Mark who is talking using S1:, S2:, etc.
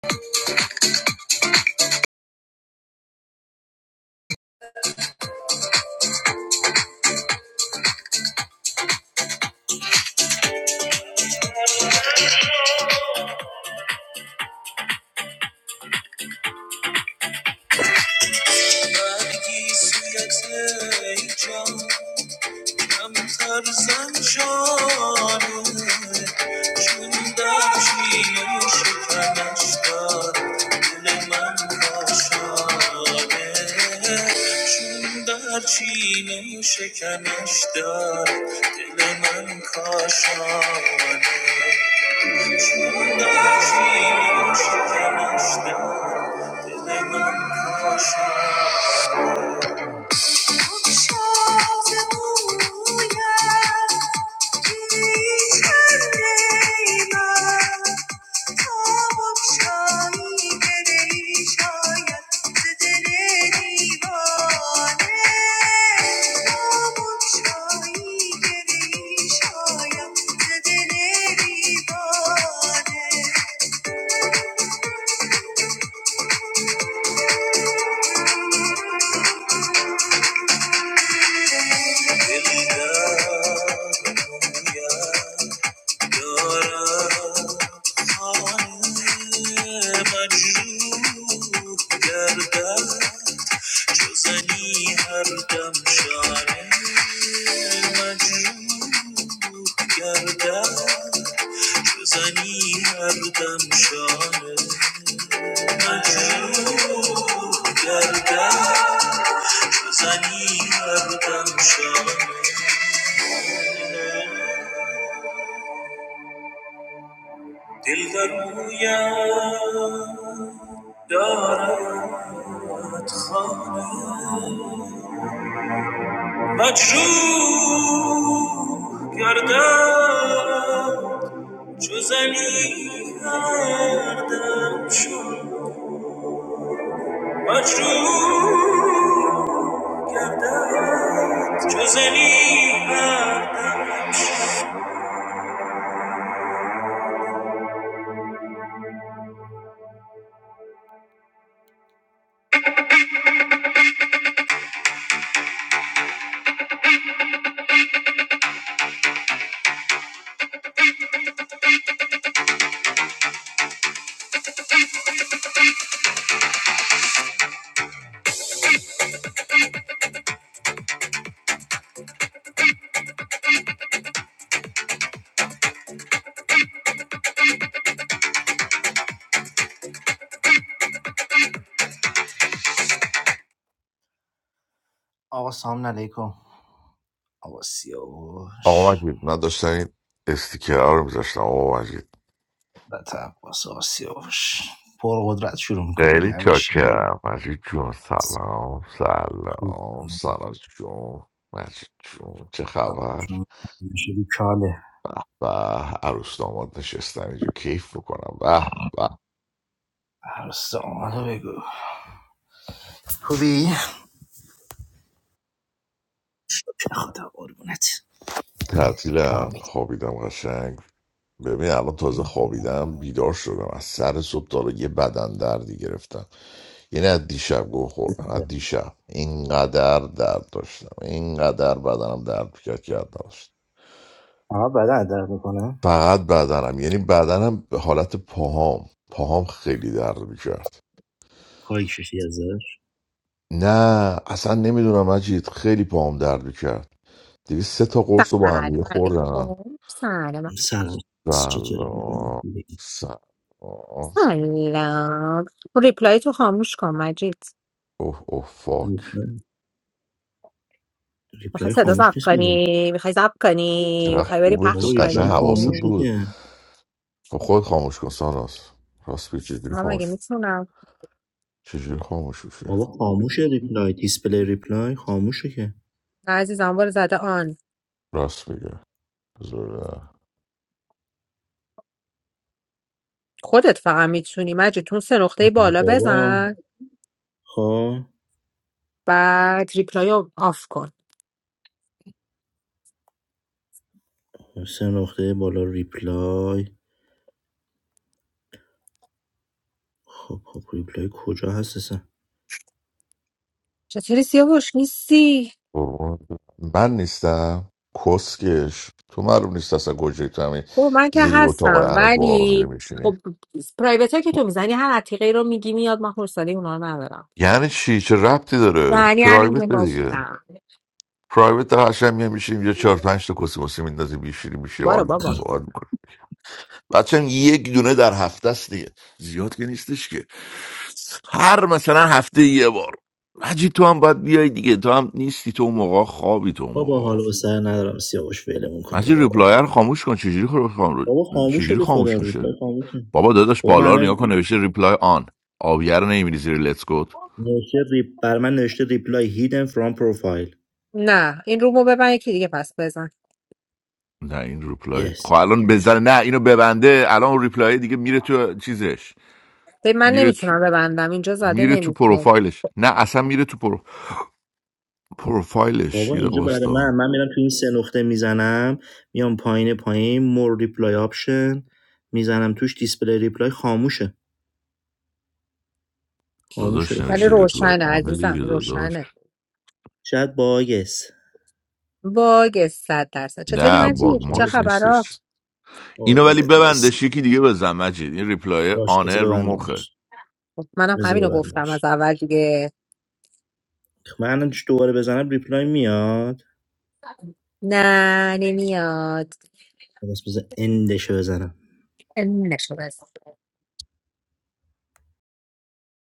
S1: برگیسیت ای جان کمتر زن جانو چون در شیرین شکمش دار دل من کاشانه چون در چین شکمش دار دل من کاشانه چون در چین شکمش دار دل من کاشانه Yeah. دارم خانه مجروح گردم چو هر دم شانه مجروح گردم چو هر دم شانه مجروح گردم چو هر دم شانه دل در رویم دارد خانه مجروح گردم چو زنی گردم چون مجروح گردم چو زنی گردم
S2: آقا مجید من داشتم این استیکرها رو میذاشتم آقا مجید
S1: بطه عباس آسیاوش پرقدرت شروع میکنی
S2: خیلی
S1: همیشه
S2: چاکرم مجید جون سلام
S1: خوب.
S2: سلام سلام جون مجید جون چه خبر
S1: چون همیشه بیکاله
S2: و عروس داماد نشستم اینجا کیف بکنم به به به.
S1: عرصه آمده بگو خوبی؟ خدا قربونه
S2: تعطیلم
S1: آمین
S2: خوابیدم قشنگ ببین الان تازه خوابیدم بیدار شدم از سر صبح تا حالا یه بدن دردی گرفتم یعنی از دیشب گوه خوردم از دیشب اینقدر درد داشتم اینقدر بدنم درد کرد که حد نداشتم.
S1: آقا بدن درد میکنه
S2: فقط بدنم یعنی بدنم به حالت پاهام پاهام خیلی درد میکرد
S1: خواهی ششی از در
S2: نه اصلا نمیدونم مجید خیلی پاهام درد میکرد دیگه سه تا قرص رو با هم
S3: Salam
S2: دیگه خوردم
S3: alaykum. Salaam.
S1: سلام چطوری؟
S2: سلام سلام
S3: Salaam. Reply to Hamish Kamajit.
S2: اوه اوه فاک
S1: ریپلای
S3: You
S1: ریپلای
S3: want to
S1: خاموش
S3: talk
S1: نیست
S3: to
S1: میگه
S3: me? You want to talk to me? You
S2: چقدر
S3: want to have a
S2: خوبه تو
S1: بابا
S3: chat with
S2: قشن
S1: ریپلای
S2: حواست
S3: me?
S1: خاموشه
S2: بود
S1: که
S2: خب خود خاموش کن ساناس راست بگی چجوری
S3: I'm
S2: خاموش چجوری خاموش میشه
S1: بابا خاموشه ریپلای دیسپلی ریپلای خاموشه که
S3: not saying
S2: راست میگه
S3: you can't. I'm not saying
S1: بابا خب
S3: you can't. You can't talk to
S1: سه نقطه بالا ریپلای خب خب ریپلای کجا هست اصلا
S3: me. I'm not saying you can't. I'm not saying you can't. You can't talk to me. I'm not saying you can't. I'm not saying you can't.
S2: قربونت برم. من نیستم کسکش تو معلوم نیست اصلا گوجه تو همین زیری اتاق انا گوها رو میره میشینی یعنی چی چه ربطی داره
S3: You can't
S2: پرایوت
S3: talk to
S2: دیگه
S3: me.
S2: پرایوت در هشم میام میشیم یه چهار پنج تا کسی مسی میندازیم میشینیم میشه حال
S3: بارا
S2: میکنیم
S3: بابا
S2: سوال میکنیم بچه یک دونه در هفته است دیگه زیاد که نیستش که هر مثلا هفته یه بار مجید تو هم باید بیای دیگه تو هم نیستی تو اون موقع خوابی تو اون
S1: بابا
S2: موقع
S1: حالا به سر ندارم سیاوش فعلمون کن تو
S2: مجید
S1: رو آرام
S2: ریپلایر
S1: بابا
S2: خاموش کن چجوری خ- خاموش
S1: بابا خاموشه
S2: چجوری
S1: به خدا
S2: خاموش میشه
S1: ریپلای خاموشه
S2: بابا داداش
S1: بابا من
S2: بالا رو نگاه
S1: الان
S2: کن نوشته ریپلای آن آبیار رو نمیبینی زیر لتس گوت
S1: نوشته ریپ بر من نوشته ریپلای هیدن فرام پروفایل
S3: نه این رومو ببن یکی دیگه پس بزن
S2: نه این ریپلای
S1: یس
S2: خب الان بزنه نه اینو ببنده الان اون ریپلای دیگه میره تو چیزش
S3: به من
S2: میره تو
S3: نمیتونم ببندم اینجا زده
S2: میره تو
S3: نمیتونم
S2: پروفایلش نه اصلا میره تو پرو... پروفایلش
S1: بابا
S2: یه دقیقه
S1: اینجا برای من
S2: واستا.
S1: من میرم تو این سه نقطه میزنم میام پایین پایین مور ریپلای آپشن میزنم توش دیسپلی ریپلای خاموشه خاموشه
S2: داداش
S1: به
S3: ولی
S2: نوشته
S1: خدا
S2: ریپلای
S3: روشنه
S2: آن
S3: عزیزم
S2: دیگه داداش
S3: روشنه
S1: شاید باگس
S3: باگ صد درصد چطوری
S2: نه
S1: ام،
S2: باگ
S3: مجید چه
S2: ماکس
S1: شاید
S3: خبرات
S2: نیستش اینو ولی
S1: قربونت نیست
S2: ببندش یکی دیگه بزن مجید این ریپلای
S1: باش بذار
S2: آنه رو مخه
S1: ببندمش
S3: خب، منم
S1: بذار
S3: همینو گفتم از
S1: ببندمش
S3: اول دیگه
S1: خب، من دوباره بزنم ریپلای میاد
S3: نه نمیاد
S1: بس بذار اندشو بزنم
S3: نشد